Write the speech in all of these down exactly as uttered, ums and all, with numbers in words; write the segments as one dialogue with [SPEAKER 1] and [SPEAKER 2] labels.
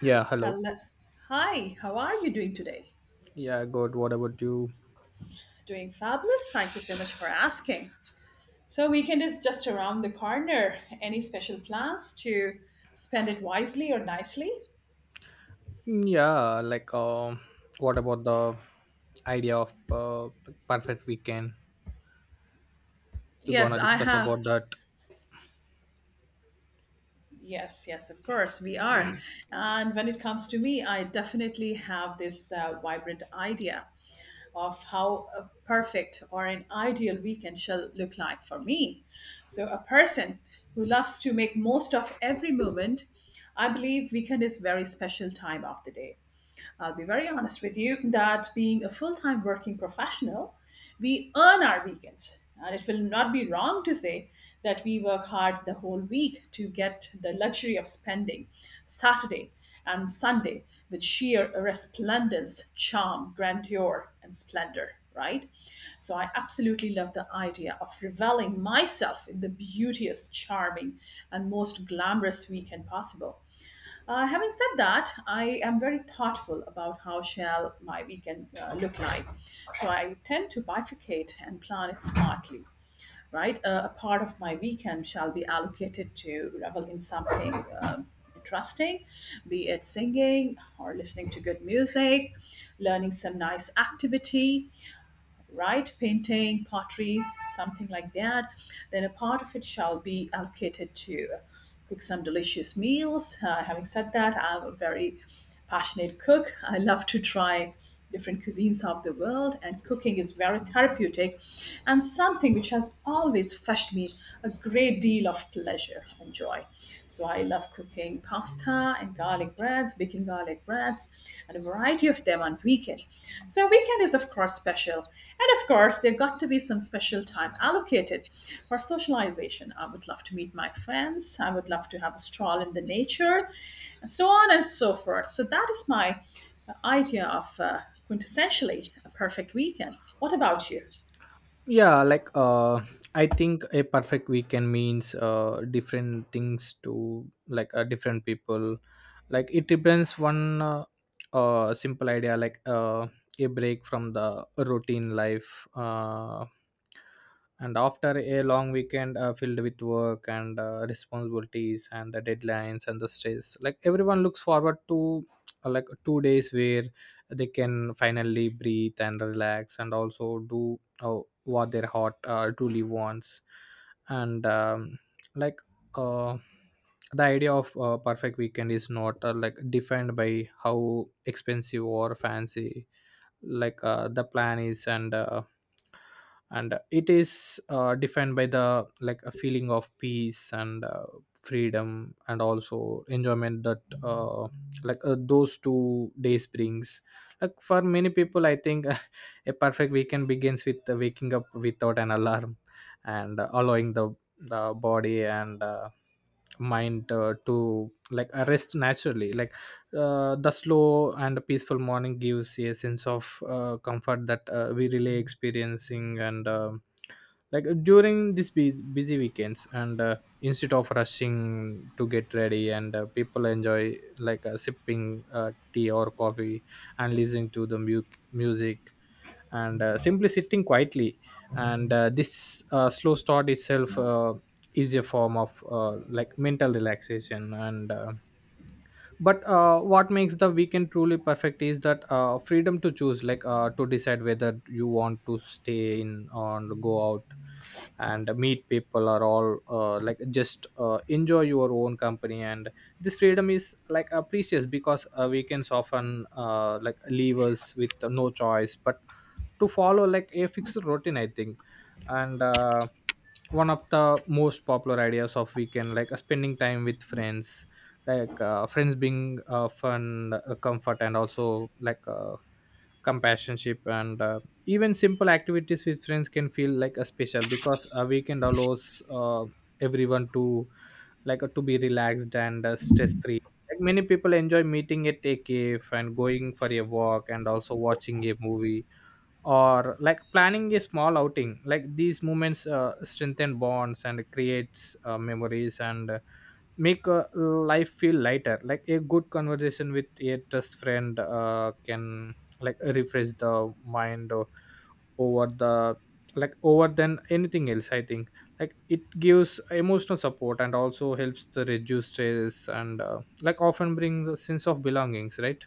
[SPEAKER 1] Yeah, hello.
[SPEAKER 2] Hello. Hi, how are you doing today?
[SPEAKER 1] Yeah, good. What about you?
[SPEAKER 2] Doing fabulous. Thank you so much for asking. So, weekend is just around the corner. Any special plans to spend it wisely or nicely?
[SPEAKER 1] Mm, yeah, like, um, what about the idea of uh, perfect weekend? You're
[SPEAKER 2] Yes,
[SPEAKER 1] gonna
[SPEAKER 2] I
[SPEAKER 1] discuss
[SPEAKER 2] have.
[SPEAKER 1] about that.
[SPEAKER 2] Yes, yes, of course, we are. And when it comes to me, I definitely have this uh, vibrant idea of how a perfect or an ideal weekend shall look like for me. So, a person who loves to make most of every moment, I believe weekend is very special time of the day. I'll be very honest with you that being a full time working professional, we earn our weekends. And it will not be wrong to say that we work hard the whole week to get the luxury of spending Saturday and Sunday with sheer resplendence, charm, grandeur, and splendor, right? So I absolutely love the idea of reveling myself in the beauteous, charming, and most glamorous weekend possible. Uh, having said that, I am very thoughtful about how shall my weekend uh, look like. So I tend to bifurcate and plan it smartly. Right, uh, a part of my weekend shall be allocated to revel in something um interesting, be it singing or listening to good music, learning some nice activity, right? Painting, pottery, something like that. Then a part of it shall be allocated to cook some delicious meals. Uh, having said that, I'm a very passionate cook. I love to try different cuisines of the world, and cooking is very therapeutic and something which has always fetched me a great deal of pleasure and joy. So I love cooking, doing pasta and garlic breads, baking garlic breads, and a variety of them on weekend. So weekend is of course special, and of course there got to be some special time allocated for socialization. I would love to meet my friends. I would love to have a stroll in the nature, and so on and so forth. So that is my uh, idea of uh, quintessentially a perfect weekend. What about you?
[SPEAKER 1] yeah like uh I think a perfect weekend means uh different things to like uh, different people, like it depends one uh, uh simple idea like uh a break from the routine life uh and after a long weekend uh, filled with work and uh, responsibilities and the deadlines and the stress, like everyone looks forward to uh, like two days where they can finally breathe and relax and also do uh, what their heart uh, truly wants and um, like uh, the idea of uh, perfect weekend is not uh, like defined by how expensive or fancy like uh, the plan is and uh, and it is uh, defined by the like a feeling of peace and uh, freedom and also enjoyment that uh, like uh, those two days brings, like for many people I think. A perfect weekend begins with uh, waking up without an alarm and uh, allowing the the body and uh, mind uh, to like uh, rest naturally. Like uh, the slow and peaceful morning gives a sense of uh, comfort that uh, we really experiencing, and um like during these busy, busy weekends and uh, instead of rushing to get ready and uh, people enjoy like uh, sipping uh, tea or coffee and listening to the mu- music and uh, simply sitting quietly and uh, this uh, slow start itself uh, is a form of uh, like mental relaxation, and uh, but uh, what makes the weekend truly perfect is that uh, freedom to choose, like uh, to decide whether you want to stay in or go out and meet people or all uh, like just uh, enjoy your own company. And this freedom is like uh, precious because uh, weekends often uh, like leave us with no choice but to follow like a fixed routine, I think. And uh, one of the most popular ideas of weekend, like uh, spending time with friends, like uh, friends being uh, fun, uh, comfort, and also like uh, compassionship. And uh, even simple activities with friends can feel like a special because a weekend allows uh, everyone to like uh, to be relaxed and uh, stress free. Like many people enjoy meeting at a cave and going for a walk and also watching a movie or like planning a small outing. Like these moments uh, strengthen bonds and creates uh, memories and uh, make uh, life feel lighter. Like a good conversation with a trust friend uh, can like refresh the mind o- over the like over than anything else, I think. Like it gives emotional support and also helps to reduce stress and uh, like often brings a sense of belongings, right?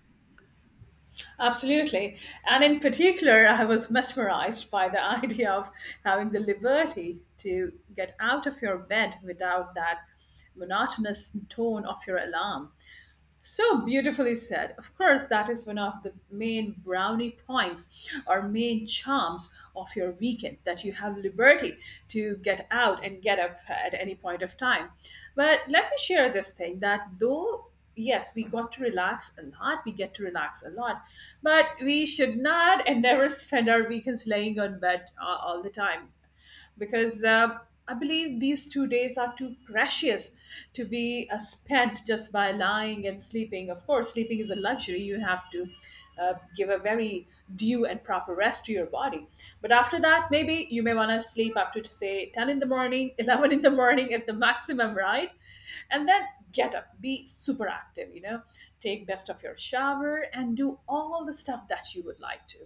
[SPEAKER 2] Absolutely. And in particular, I was mesmerized by the idea of having the liberty to get out of your bed without that monotonous tone of your alarm. So beautifully said. Of course, that is one of the main brownie points or main charms of your weekend that you have liberty to get out and get up at any point of time. But let me share this thing that though, yes, we got to relax a lot, we get to relax a lot, but we should not and never spend our weekends laying on bed uh, all the time because uh, I believe these two days are too precious to be uh, spent just by lying and sleeping. Of course, sleeping is a luxury. You have to uh, give a very due and proper rest to your body. But after that, maybe you may want to sleep up to, to say, ten in the morning, eleven in the morning at the maximum, right? And then get up, be super active, you know take best of your shower and do all the stuff that you would like to.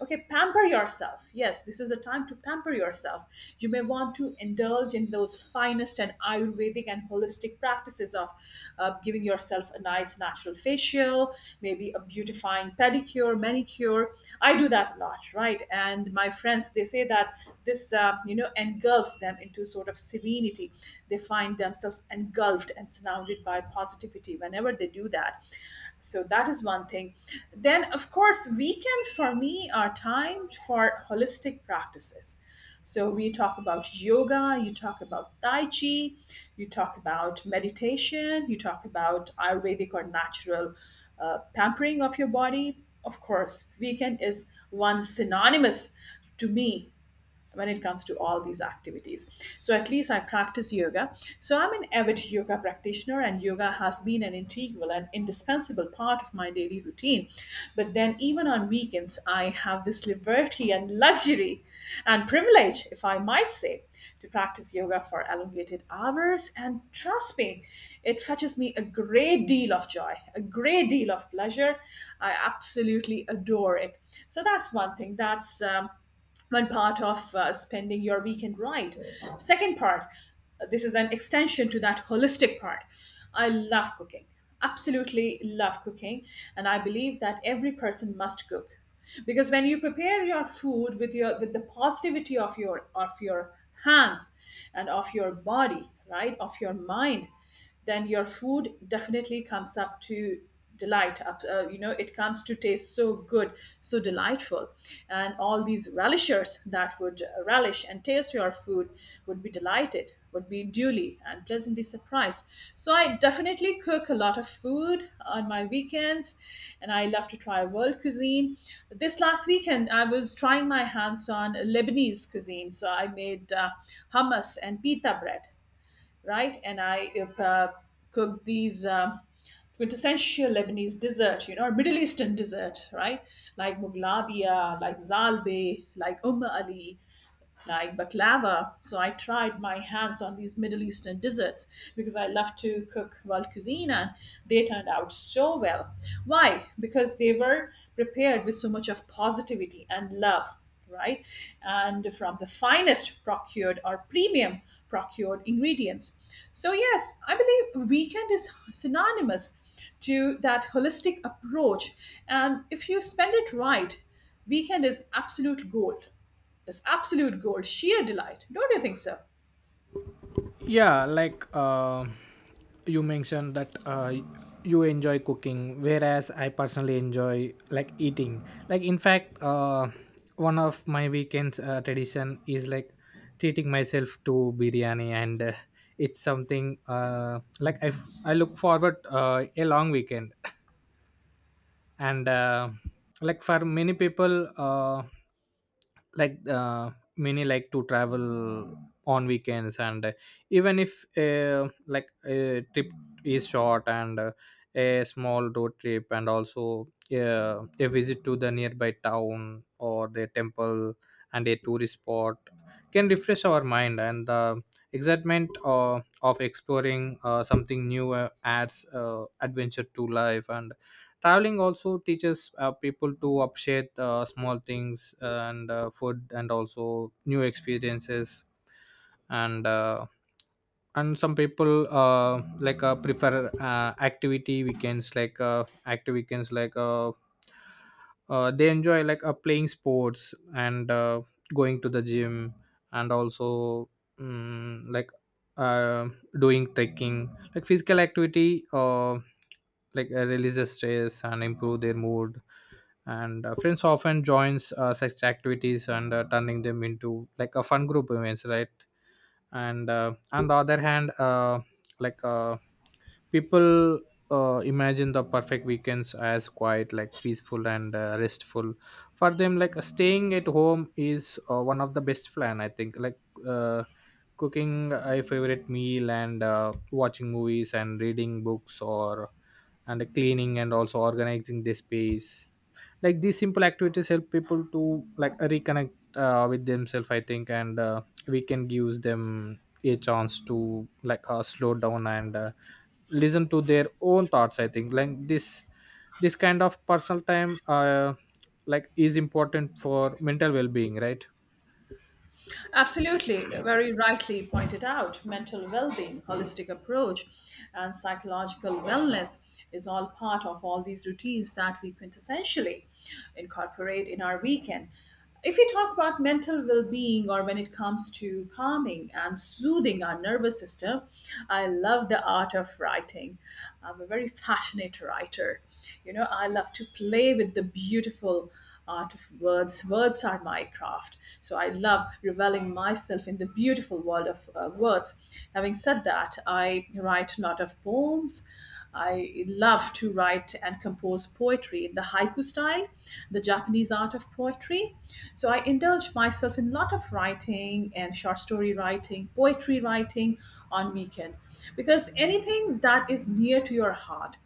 [SPEAKER 2] Okay, pamper yourself. Yes, this is a time to pamper yourself. You may want to indulge in those finest and ayurvedic and holistic practices of uh, giving yourself a nice natural facial, maybe a beautifying pedicure, manicure. I do that a lot, right? And my friends, they say that this, uh, you know engulfs them into to a sort of serenity. They find themselves engulfed and surrounded by positivity whenever they do that. So that is one thing. Then, of course, weekends for me are time for holistic practices. So we talk about yoga, you talk about tai chi, you talk about meditation, you talk about Ayurvedic or natural uh, pampering of your body. Of course, weekend is one synonymous to me when it comes to all these activities. So at least I practice yoga. So I'm an avid yoga practitioner and yoga has been an integral and indispensable part of my daily routine. But then even on weekends I have this liberty and luxury and privilege, if I might say, to practice yoga for elongated hours, and trust me, it fetches me a great deal of joy, a great deal of pleasure. I absolutely adore it. So that's one thing. That's um, one part of uh, spending your weekend right. Second part, uh, this is an extension to that holistic part. I love cooking, absolutely love cooking, and I believe that every person must cook because when you prepare your food with your with the positivity of your of your hands and of your body, right, of your mind, then your food definitely comes up to delight up, uh, you know it comes to taste so good, so delightful, and all these relishers that would relish and taste your food would be delighted, would be duly and pleasantly surprised. So I definitely cook a lot of food on my weekends, and I love to try world cuisine. This last weekend I was trying my hands on Lebanese cuisine, so I made uh, hummus and pita bread, right? And I uh, cooked these um quintessential Lebanese dessert, you know, or Middle Eastern dessert, right? Like muglabiya, like zalbe, like umm ali, like baklava. So I tried my hands on these Middle Eastern desserts because I love to cook world cuisine, and they turned out so well. Why? Because they were prepared with so much of positivity and love, right? And from the finest procured or premium procured ingredients. So, yes, I believe weekend is synonymous to that holistic approach. And if you spend it right, weekend is absolute gold, is absolute gold, sheer delight. Don't you think so?
[SPEAKER 1] Yeah like uh, you mentioned that uh, you enjoy cooking, whereas I personally enjoy like eating. Like in fact uh, one of my weekends uh, tradition is like treating myself to biryani, and uh, it's something uh, like I, f- I look forward uh, a long weekend. And uh, like for many people uh, like uh, many like to travel on weekends and uh, even if uh, like a trip is short and uh, a small road trip, and also uh, a visit to the nearby town or the temple and a tourist spot can refresh our mind. And the excitement uh, of exploring uh, something new uh, adds uh, adventure to life, and traveling also teaches uh, people to appreciate uh, small things and uh, food and also new experiences. And uh, and some people uh, like uh, prefer uh, activity weekends, like uh, active weekends, like uh, uh, they enjoy like uh, playing sports and uh, going to the gym and also mm, like uh, doing trekking. Like physical activity uh, like uh, releases stress and improve their mood, and uh, friends often joins uh, such activities and uh, turning them into like a fun group events, right? And uh, on the other hand uh, like uh, people uh, imagine the perfect weekends as quiet, like peaceful and uh, restful. For them, like uh, staying at home is uh, one of the best plan, I think. Like uh, cooking a favorite meal and uh, watching movies and reading books or and cleaning and also organizing the space, like these simple activities help people to like reconnect uh, with themselves, I think. And uh, we can give them a chance to like uh, slow down and uh, listen to their own thoughts, I think. Like this this kind of personal time uh, like is important for mental well-being, right?
[SPEAKER 2] Absolutely, very rightly pointed out. Mental well being, holistic approach, and psychological wellness is all part of all these routines that we quintessentially incorporate in our weekend. If we talk about mental well being or when it comes to calming and soothing our nervous system, I love the art of writing. I'm a very passionate writer. You know, I love to play with the beautiful art of words. Words are my craft. So I love reveling myself in the beautiful world of uh, words. Having said that, I write a lot of poems. I love to write and compose poetry in the haiku style, the Japanese art of poetry. So I indulge myself in a lot of writing and short story writing, poetry writing on weekend, because anything that is near to your heart,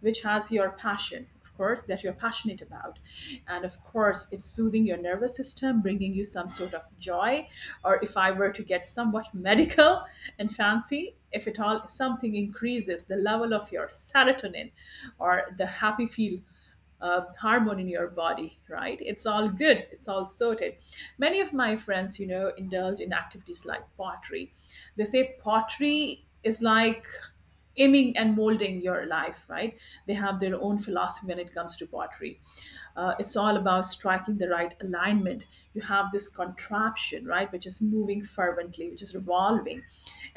[SPEAKER 2] which has your passion, of course, that you're passionate about, and of course it's soothing your nervous system, bringing you some sort of joy, or if I were to get somewhat medical and fancy, if at all something increases the level of your serotonin or the happy feel uh, hormone in your body, right? It's all good. It's all sorted. Many of my friends, you know, indulge in activities like pottery. They say pottery is like aiming and molding your life, right? They have their own philosophy when it comes to pottery. Uh, it's all about striking the right alignment. You have this contraption, right, which is moving fervently, which is revolving.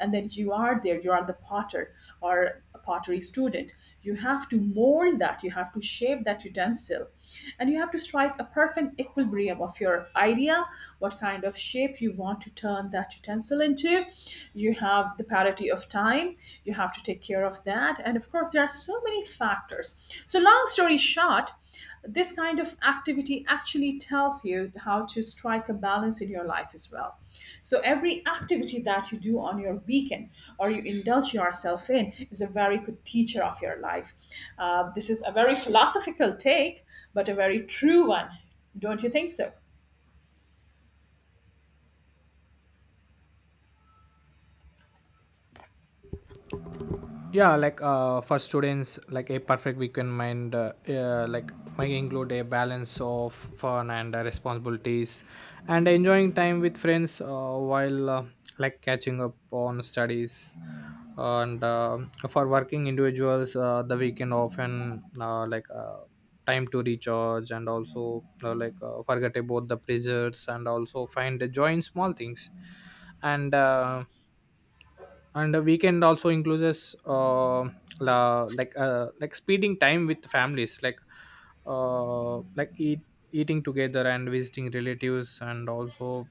[SPEAKER 2] And then you are there, you are the potter or a pottery student. You have to mold that, you have to shape that utensil. And you have to strike a perfect equilibrium of your idea, what kind of shape you want to turn that utensil pencil into. You have the parity of time, you have to take care of that, and of course there are so many factors. So long story short, this kind of activity actually tells you how to strike a balance in your life as well. So every activity that you do on your weekend or you indulge yourself in is a very good teacher of your life. Uh, this is a very philosophical take, but a very true one. Don't you think so?
[SPEAKER 1] Yeah like uh, for students, like a perfect weekend mind uh, uh, like might include a balance of fun and uh, responsibilities and enjoying time with friends uh, while uh, like catching up on studies. And um for working individuals uh, the weekend often uh, like uh, time to recharge and also uh, like uh, forget about the pressures and also find the joy in small things. And uh, and a weekend also includes uh, la, like uh, like spending time with families, like uh, like eat, eating together and visiting relatives and also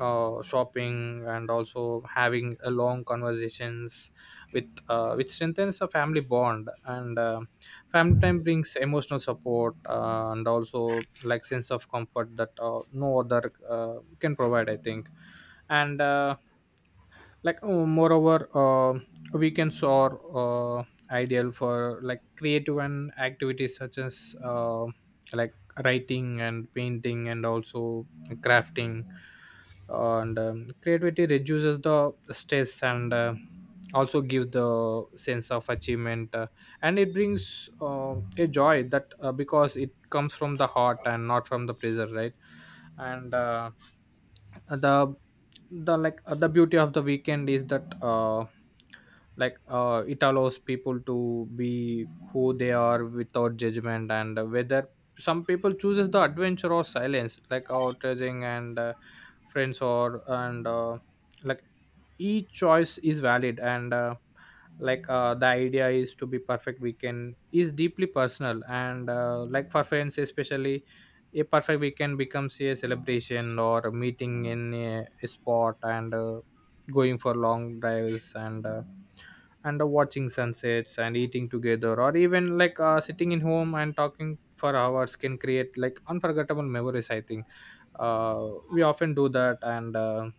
[SPEAKER 1] uh, shopping and also having a long conversations with uh, which strengthens a family bond. And uh, family time brings emotional support uh, and also like sense of comfort that uh, no other uh, can provide, I think. And uh, like oh, moreover uh, weekends are uh, ideal for like creative and activities, such as uh, like writing and painting and also crafting. And um, creativity reduces the stress and uh, also gives the sense of achievement uh, and it brings uh, a joy that uh, because it comes from the heart and not from the pressure, right? And uh, the the like uh, the beauty of the weekend is that uh like uh it allows people to be who they are without judgment. And whether some people chooses the adventure or silence, like outraging and uh, friends or and uh, like each choice is valid. And uh, like uh, the idea is to be perfect weekend is deeply personal. And uh, like for friends especially a perfect weekend becomes a celebration or a meeting in a, a spot and uh, going for long drives and uh, and uh, watching sunsets and eating together or even like uh, sitting in home and talking for hours can create like unforgettable memories, I think. uh, we often do that and uh,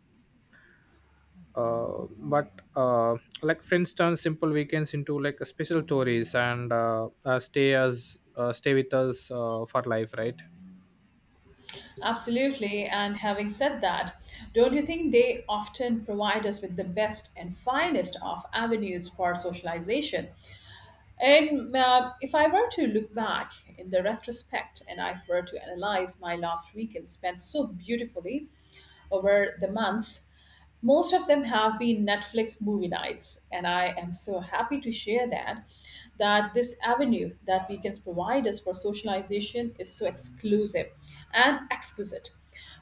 [SPEAKER 1] uh, but uh, like friends turn simple weekends into like special stories and uh, uh, stay as uh, stay with us uh, for life, right?
[SPEAKER 2] Absolutely. And having said that, don't you think they often provide us with the best and finest of avenues for socialization? And uh, if I were to look back in the retrospect and I were to analyze my last weekend spent so beautifully over the months, most of them have been Netflix movie nights, and I am so happy to share that that this avenue that weekends provide us for socialization is so exclusive and exquisite.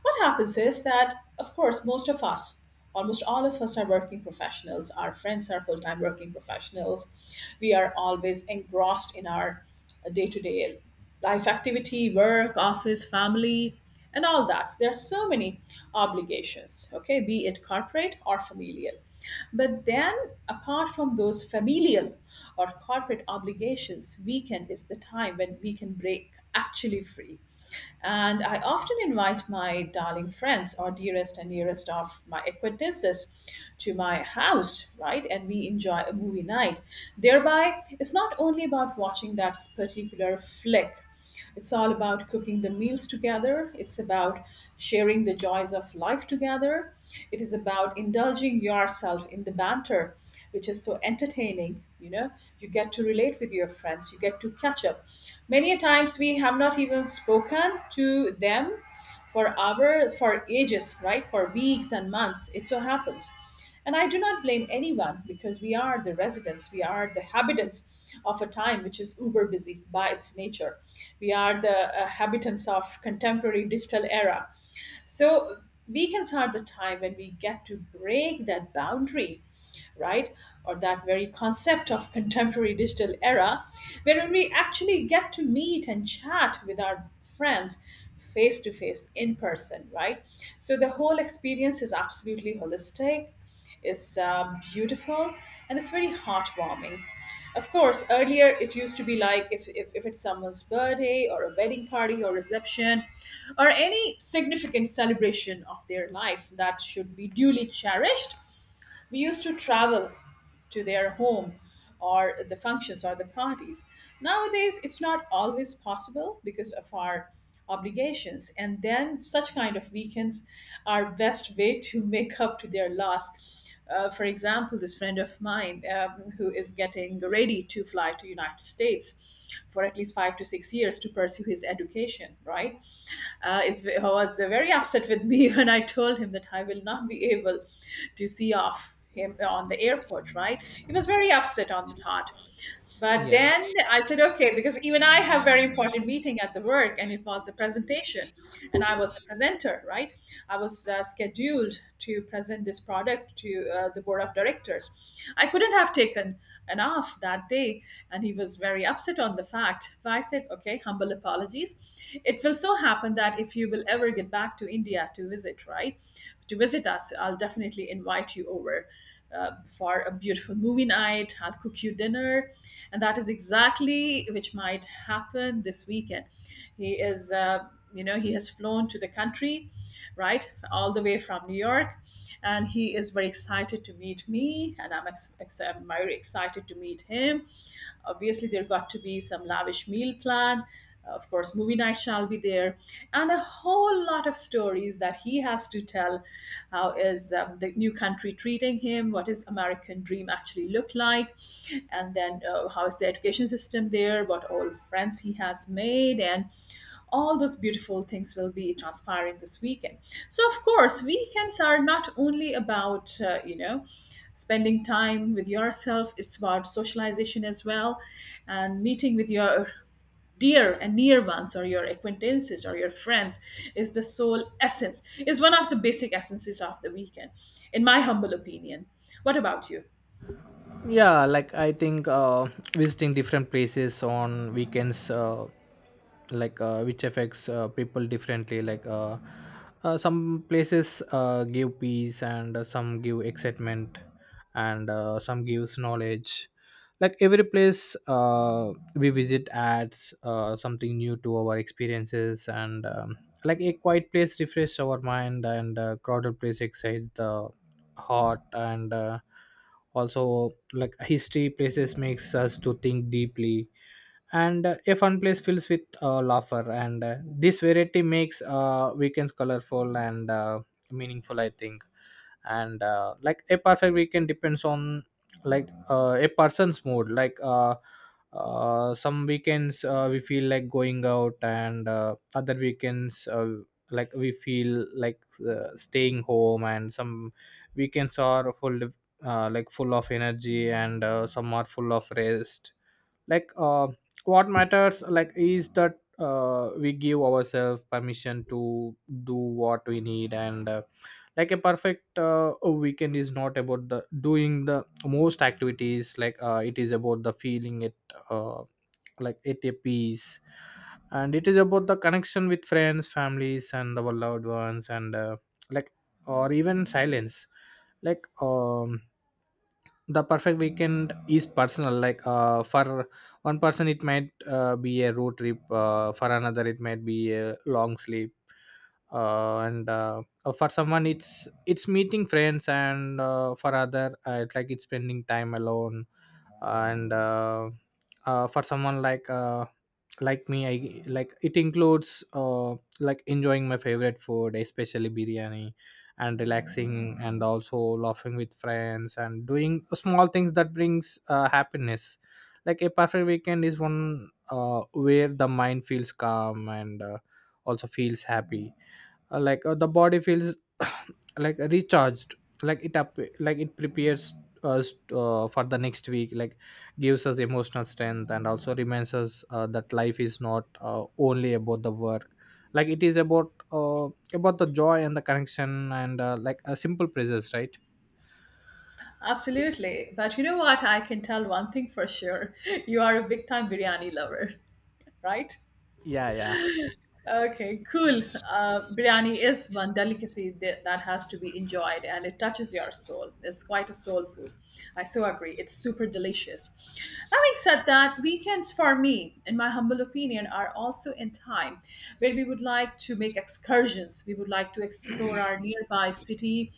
[SPEAKER 2] What happens is that, of course, most of us, almost all of us, are working professionals. Our friends are full time working professionals. We are always engrossed in our day to day life activity, work, office, family, and all that. So there are so many obligations, okay, be it corporate or familial. But then, apart from those familial or corporate obligations, weekend is the time when we can break actually free. And I often invite my darling friends or dearest and nearest of my acquaintances to my house, right? And we enjoy a movie night. Thereby, it's not only about watching that particular flick, it's all about cooking the meals together. It's about sharing the joys of life together. It is about indulging yourself in the banter, which is so entertaining. You know, you get to relate with your friends, you get to catch up. Many a times we have not even spoken to them for hour for ages, right, for weeks and months, it so happens. And I do not blame anyone because we are the residents, we are the habitants of a time which is uber busy by its nature. We are the uh, habitants of contemporary digital era. So we can start the time when we get to break that boundary, right? Or that very concept of contemporary digital era, where we actually get to meet and chat with our friends face to face in person, right? So the whole experience is absolutely holistic, is um, beautiful, and it's very heartwarming. Of course, earlier it used to be like if, if, if it's someone's birthday or a wedding party or reception or any significant celebration of their life that should be duly cherished, we used to travel to their home or the functions or the parties. Nowadays, it's not always possible because of our obligations. And then, such kind of weekends are best way to make up to their loss. Uh, for example, this friend of mine, um, who is getting ready to fly to United States for at least five to six years to pursue his education, right? uh, is, was very upset with me when I told him that I will not be able to see off him on the airport, right? He was very upset on the thought. But
[SPEAKER 1] Yeah,
[SPEAKER 2] then I said, okay, because even I have very important meeting at the work, and it was a presentation, and I was the presenter, right? I was uh, scheduled to present this product to uh, the board of directors. I couldn't have taken an off that day, and he was very upset on the fact. But I said, okay, humble apologies. It will so happen that if you will ever get back to India to visit, right, to visit us, I'll definitely invite you over uh, for a beautiful movie night. I'll cook you dinner. And that is exactly which might happen this weekend. He is, uh, you know, he has flown to the country, right, all the way from New York. And he is very excited to meet me, and I'm, ex- ex- I'm very excited to meet him. Obviously, there got to be some lavish meal plan, of course, movie night shall be there, and a whole lot of stories that he has to tell. How is um, the new country treating him? What is American dream actually look like? And then uh, how is the education system there? What all friends he has made, and all those beautiful things will be transpiring this weekend. So, of course, weekends are not only about, uh, you know, spending time with yourself, it's about socialization as well, and meeting with your dear and near ones or your acquaintances or your friends is the sole essence, is one of the basic essences of the weekend, in my humble opinion. What about you?
[SPEAKER 1] yeah, like I think uh, visiting different places on weekends uh, like uh, which affects uh, people differently. Like uh, uh, some places uh, give peace and uh, some give excitement and uh, some gives knowledge. Like every place uh, we visit adds uh, something new to our experiences. And um, like a quiet place refreshes our mind and a crowded place excites the heart, and uh, also like history places makes us to think deeply. And uh, a fun place fills with uh, laughter, and uh, this variety makes uh, weekends colorful and uh, meaningful, I think. And uh, like a perfect weekend depends on like uh, a person's mood. Like uh, uh, some weekends uh, we feel like going out and uh, other weekends uh, like we feel like uh, staying home, and some weekends are full uh, like full of energy and uh, some are full of rest. Like uh, what matters, like is that uh, we give ourselves permission to do what we need. And uh, like a perfect uh, weekend is not about the doing the most activities, like uh, it is about the feeling it uh, like at a peace, and it is about the connection with friends, families, and our loved ones, and uh, like or even silence. Like um the perfect weekend is personal. Like uh, for one person it might uh, be a road trip, uh, for another it might be a long sleep, uh, and uh, uh, for someone it's it's meeting friends and uh, for other uh, it's like it's spending time alone. And uh, uh, for someone like uh, like me, I like it includes uh, like enjoying my favorite food, especially biryani, and relaxing and also laughing with friends and doing small things that brings uh, happiness. Like a perfect weekend is one uh, where the mind feels calm and uh, also feels happy. Uh, like uh, the body feels like recharged, like it up like it prepares us uh, for the next week, like gives us emotional strength and also reminds us uh, that life is not uh, only about the work. Like it is about uh, about the joy and the connection and uh, like a simple praises, right?
[SPEAKER 2] Absolutely. But you know what? I can tell one thing for sure. You are a big time biryani lover, right?
[SPEAKER 1] Yeah, yeah.
[SPEAKER 2] Okay, cool. Uh, biryani is one delicacy that, that has to be enjoyed and it touches your soul. It's quite a soul food. I so agree. It's super delicious. Having said that, weekends for me, in my humble opinion, are also in time where we would like to make excursions. We would like to explore our nearby city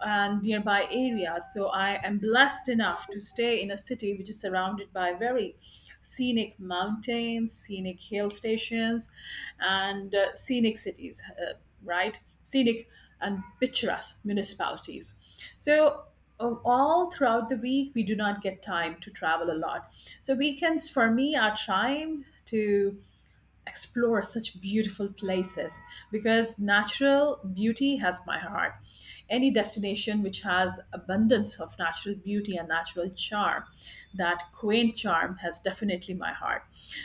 [SPEAKER 2] and nearby areas. So I am blessed enough to stay in a city which is surrounded by very scenic mountains, scenic hill stations, and uh, scenic cities, uh, right? Scenic and picturesque municipalities. So, uh, all throughout the week, we do not get time to travel a lot. So, weekends for me are time to explore such beautiful places because natural beauty has my heart. Any destination which has abundance of natural beauty and natural charm, that quaint charm has definitely my heart.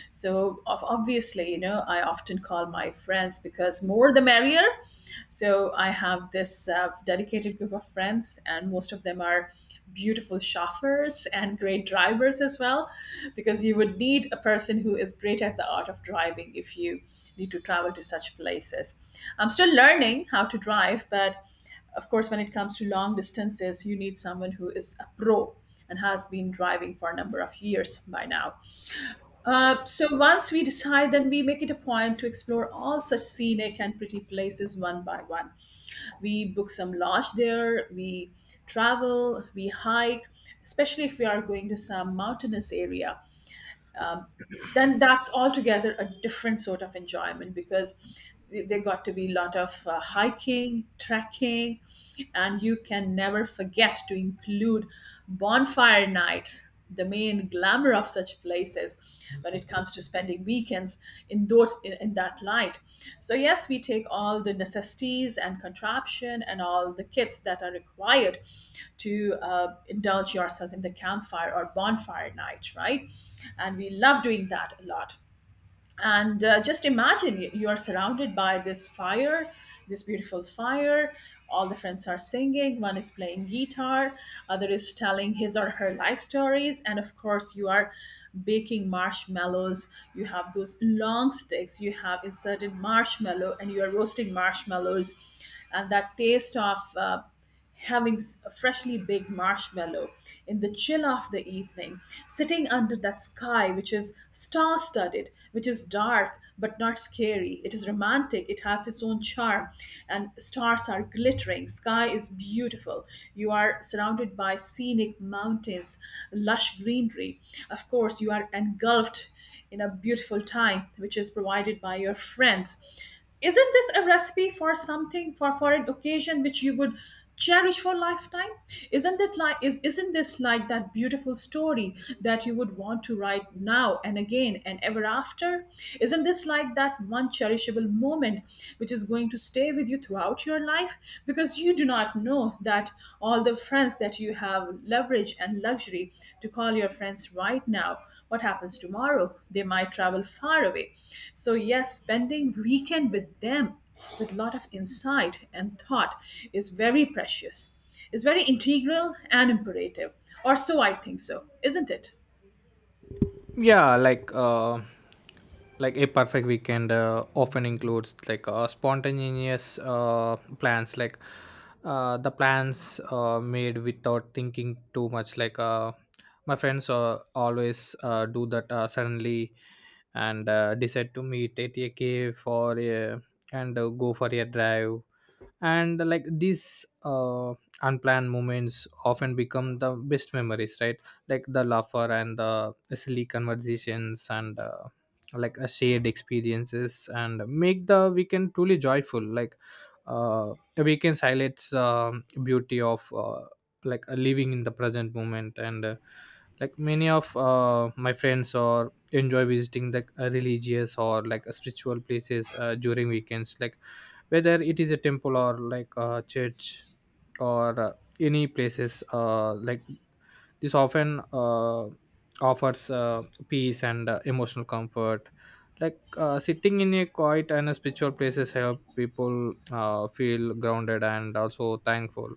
[SPEAKER 2] So of obviously, you know, I often call my friends because more the merrier. So I have this uh, dedicated group of friends, and most of them are beautiful chauffeurs and great drivers as well, because you would need a person who is great at the art of driving if you need to travel to such places. I'm still learning how to drive, but of course, when it comes to long distances, you need someone who is a pro and has been driving for a number of years by now. Uh, so once we decide, then we make it a point to explore all such scenic and pretty places one by one. We book some lodge there, we travel, we hike, especially if we are going to some mountainous area, then that's altogether a different sort of enjoyment because th- there got to be a lot of uh, hiking, trekking, and you can never forget to include bonfire nights, the main glamour of such places when it comes to spending weekends in those in, in that light. So yes, we take all the necessities and contraption and all the kits that are required to uh, indulge yourself in the campfire or bonfire night, right? And we love doing that a lot. And uh, just imagine, you you are surrounded by this fire, this beautiful fire, all the friends are singing, one is playing guitar, other is telling his or her life stories, and of course you are baking marshmallows. You have those long sticks, you have inserted marshmallow and you are roasting marshmallows. And that taste of uh, having s- a freshly baked marshmallow in the chill of the evening, sitting under that sky which is star studded, which is dark but not scary. It is romantic, it has its own charm, and stars are glittering. Sky is beautiful. You are surrounded by scenic mountains, lush greenery. Of course, you are engulfed in a beautiful time which is provided by your friends. Isn't this a recipe for something, for for an occasion which you would cherish for a lifetime? Isn't it like, is isn't this like that beautiful story that you would want to write now and again and ever after? Isn't this like that one cherishable moment which is going to stay with you throughout your life? Because you do not know that all the friends that you have leverage and luxury to call your friends right now, what happens tomorrow, they might travel far away. So yes, spending weekend with them with a lot of insight and thought is very precious, is very integral and imperative, or so I think. So isn't it?
[SPEAKER 1] Yeah like uh like a perfect weekend uh, often includes like uh, spontaneous uh, plans, like uh, the plans uh, made without thinking too much. Like uh, my friends uh, always uh, do that uh, suddenly and uh, decide to meet at a cave for a, and uh, go for a drive. And like these uh, unplanned moments often become the best memories, right? Like the laughter and the silly conversations and uh, like a shared experiences and make the weekend truly joyful. Like uh, the weekends highlights the beauty of uh, like uh, living in the present moment. And uh, like many of uh, my friends or enjoy visiting the uh, religious or like uh, spiritual places uh, during weekends. Like whether it is a temple or like a church or uh, any places uh, like this often uh, offers uh, peace and uh, emotional comfort. Like uh, sitting in a quiet and a spiritual places help people uh, feel grounded and also thankful.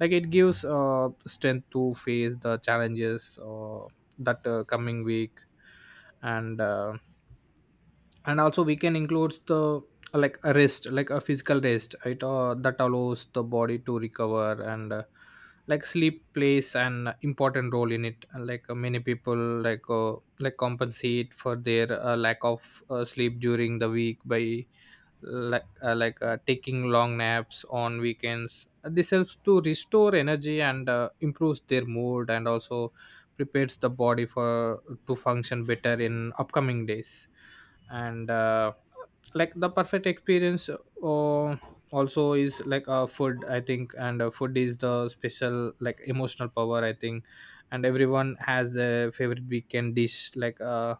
[SPEAKER 1] Like it gives uh, strength to face the challenges uh, that uh, coming week. And uh, and also we can include the like a rest, like a physical rest it uh, that allows the body to recover, and uh, like sleep plays an important role in it. And, like uh, many people like uh, like compensate for their uh, lack of uh, sleep during the week by like uh, like uh, taking long naps on weekends. This helps to restore energy and uh, improves their mood and also prepares the body for to function better in upcoming days. And uh, like the perfect experience uh, also is like uh, food, I think. And uh, food is the special like emotional power, I think, and everyone has a favorite weekend dish, like uh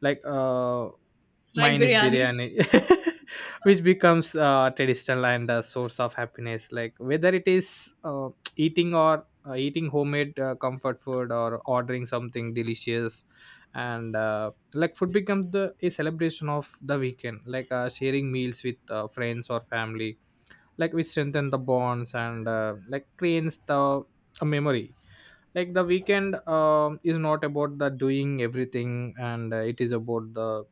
[SPEAKER 1] like uh
[SPEAKER 2] Like
[SPEAKER 1] mine is
[SPEAKER 2] biryani.
[SPEAKER 1] biryani, which becomes uh, traditional and a source of happiness. Like whether it is uh, eating or uh, eating homemade uh, comfort food or ordering something delicious. And uh, like food becomes the a celebration of the weekend, like uh, sharing meals with uh, friends or family, like we strengthen the bonds and uh, like creates the a memory. Like the weekend um, is not about the doing everything, and uh, it is about the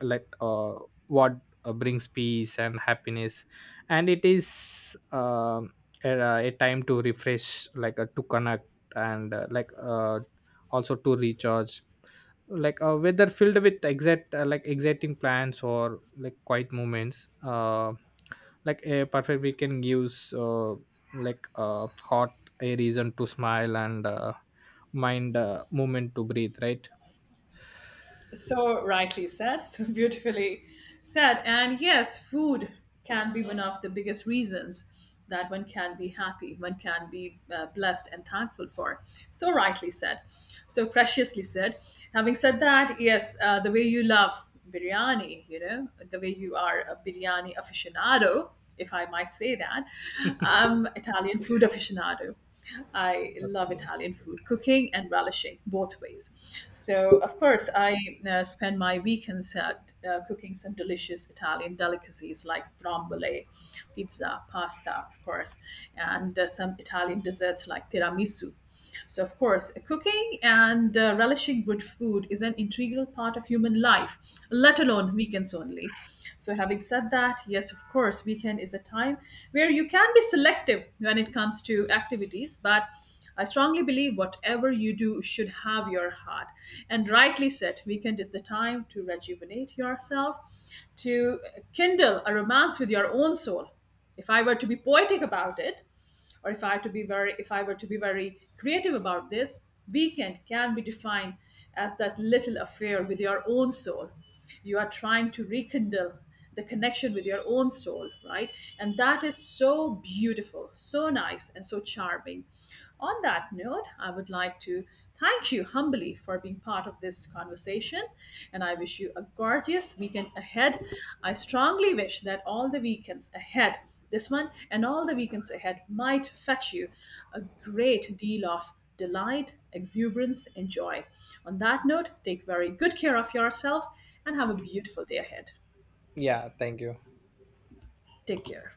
[SPEAKER 1] like uh, what uh, brings peace and happiness, and it is um a, a time to refresh, like uh, to connect and uh, like uh, also to recharge. Like uh, whether filled with exact uh, like exciting plans or like quiet moments uh, like a perfect weekend gives uh, like uh, hot a reason to smile and uh, mind uh, moment to breathe, right?
[SPEAKER 2] So rightly said, so beautifully said. And yes, food can be one of the biggest reasons that one can be happy, one can be uh, blessed and thankful for. So rightly said, so preciously said. Having said that, yes, uh, the way you love biryani, you know, the way you are a biryani aficionado, if I might say that, um, Italian food aficionado. I love
[SPEAKER 1] Yeah.
[SPEAKER 2] Italian food, cooking and relishing both ways. So, of course, I uh, spend my weekends at, uh, cooking some delicious Italian delicacies like stromboli, pizza, pasta, of course, and uh, some Italian desserts like tiramisu. So, of course, cooking and uh, relishing good food is an integral part of human life, let alone weekends only. So, having said that, yes, of course, weekend is a time where you can be selective when it comes to activities, but I strongly believe whatever you do should have your heart. And rightly said, weekend is the time to rejuvenate yourself, to kindle a romance with your own soul. If I were to be poetic about it, or if I have to be very, if I were to be very creative about this, weekend can be defined as that little affair with your own soul. You are trying to rekindle the connection with your own soul, right? And that is so beautiful, so nice, and so charming. On that note, I would like to thank you humbly for being part of this conversation, and I wish you a gorgeous weekend ahead. I strongly wish that all the weekends ahead, this one and all the weekends ahead, might fetch you a great deal of delight, exuberance, and joy. On that note, take very good care of yourself and have a beautiful day ahead.
[SPEAKER 1] yeah thank you.
[SPEAKER 2] Take care.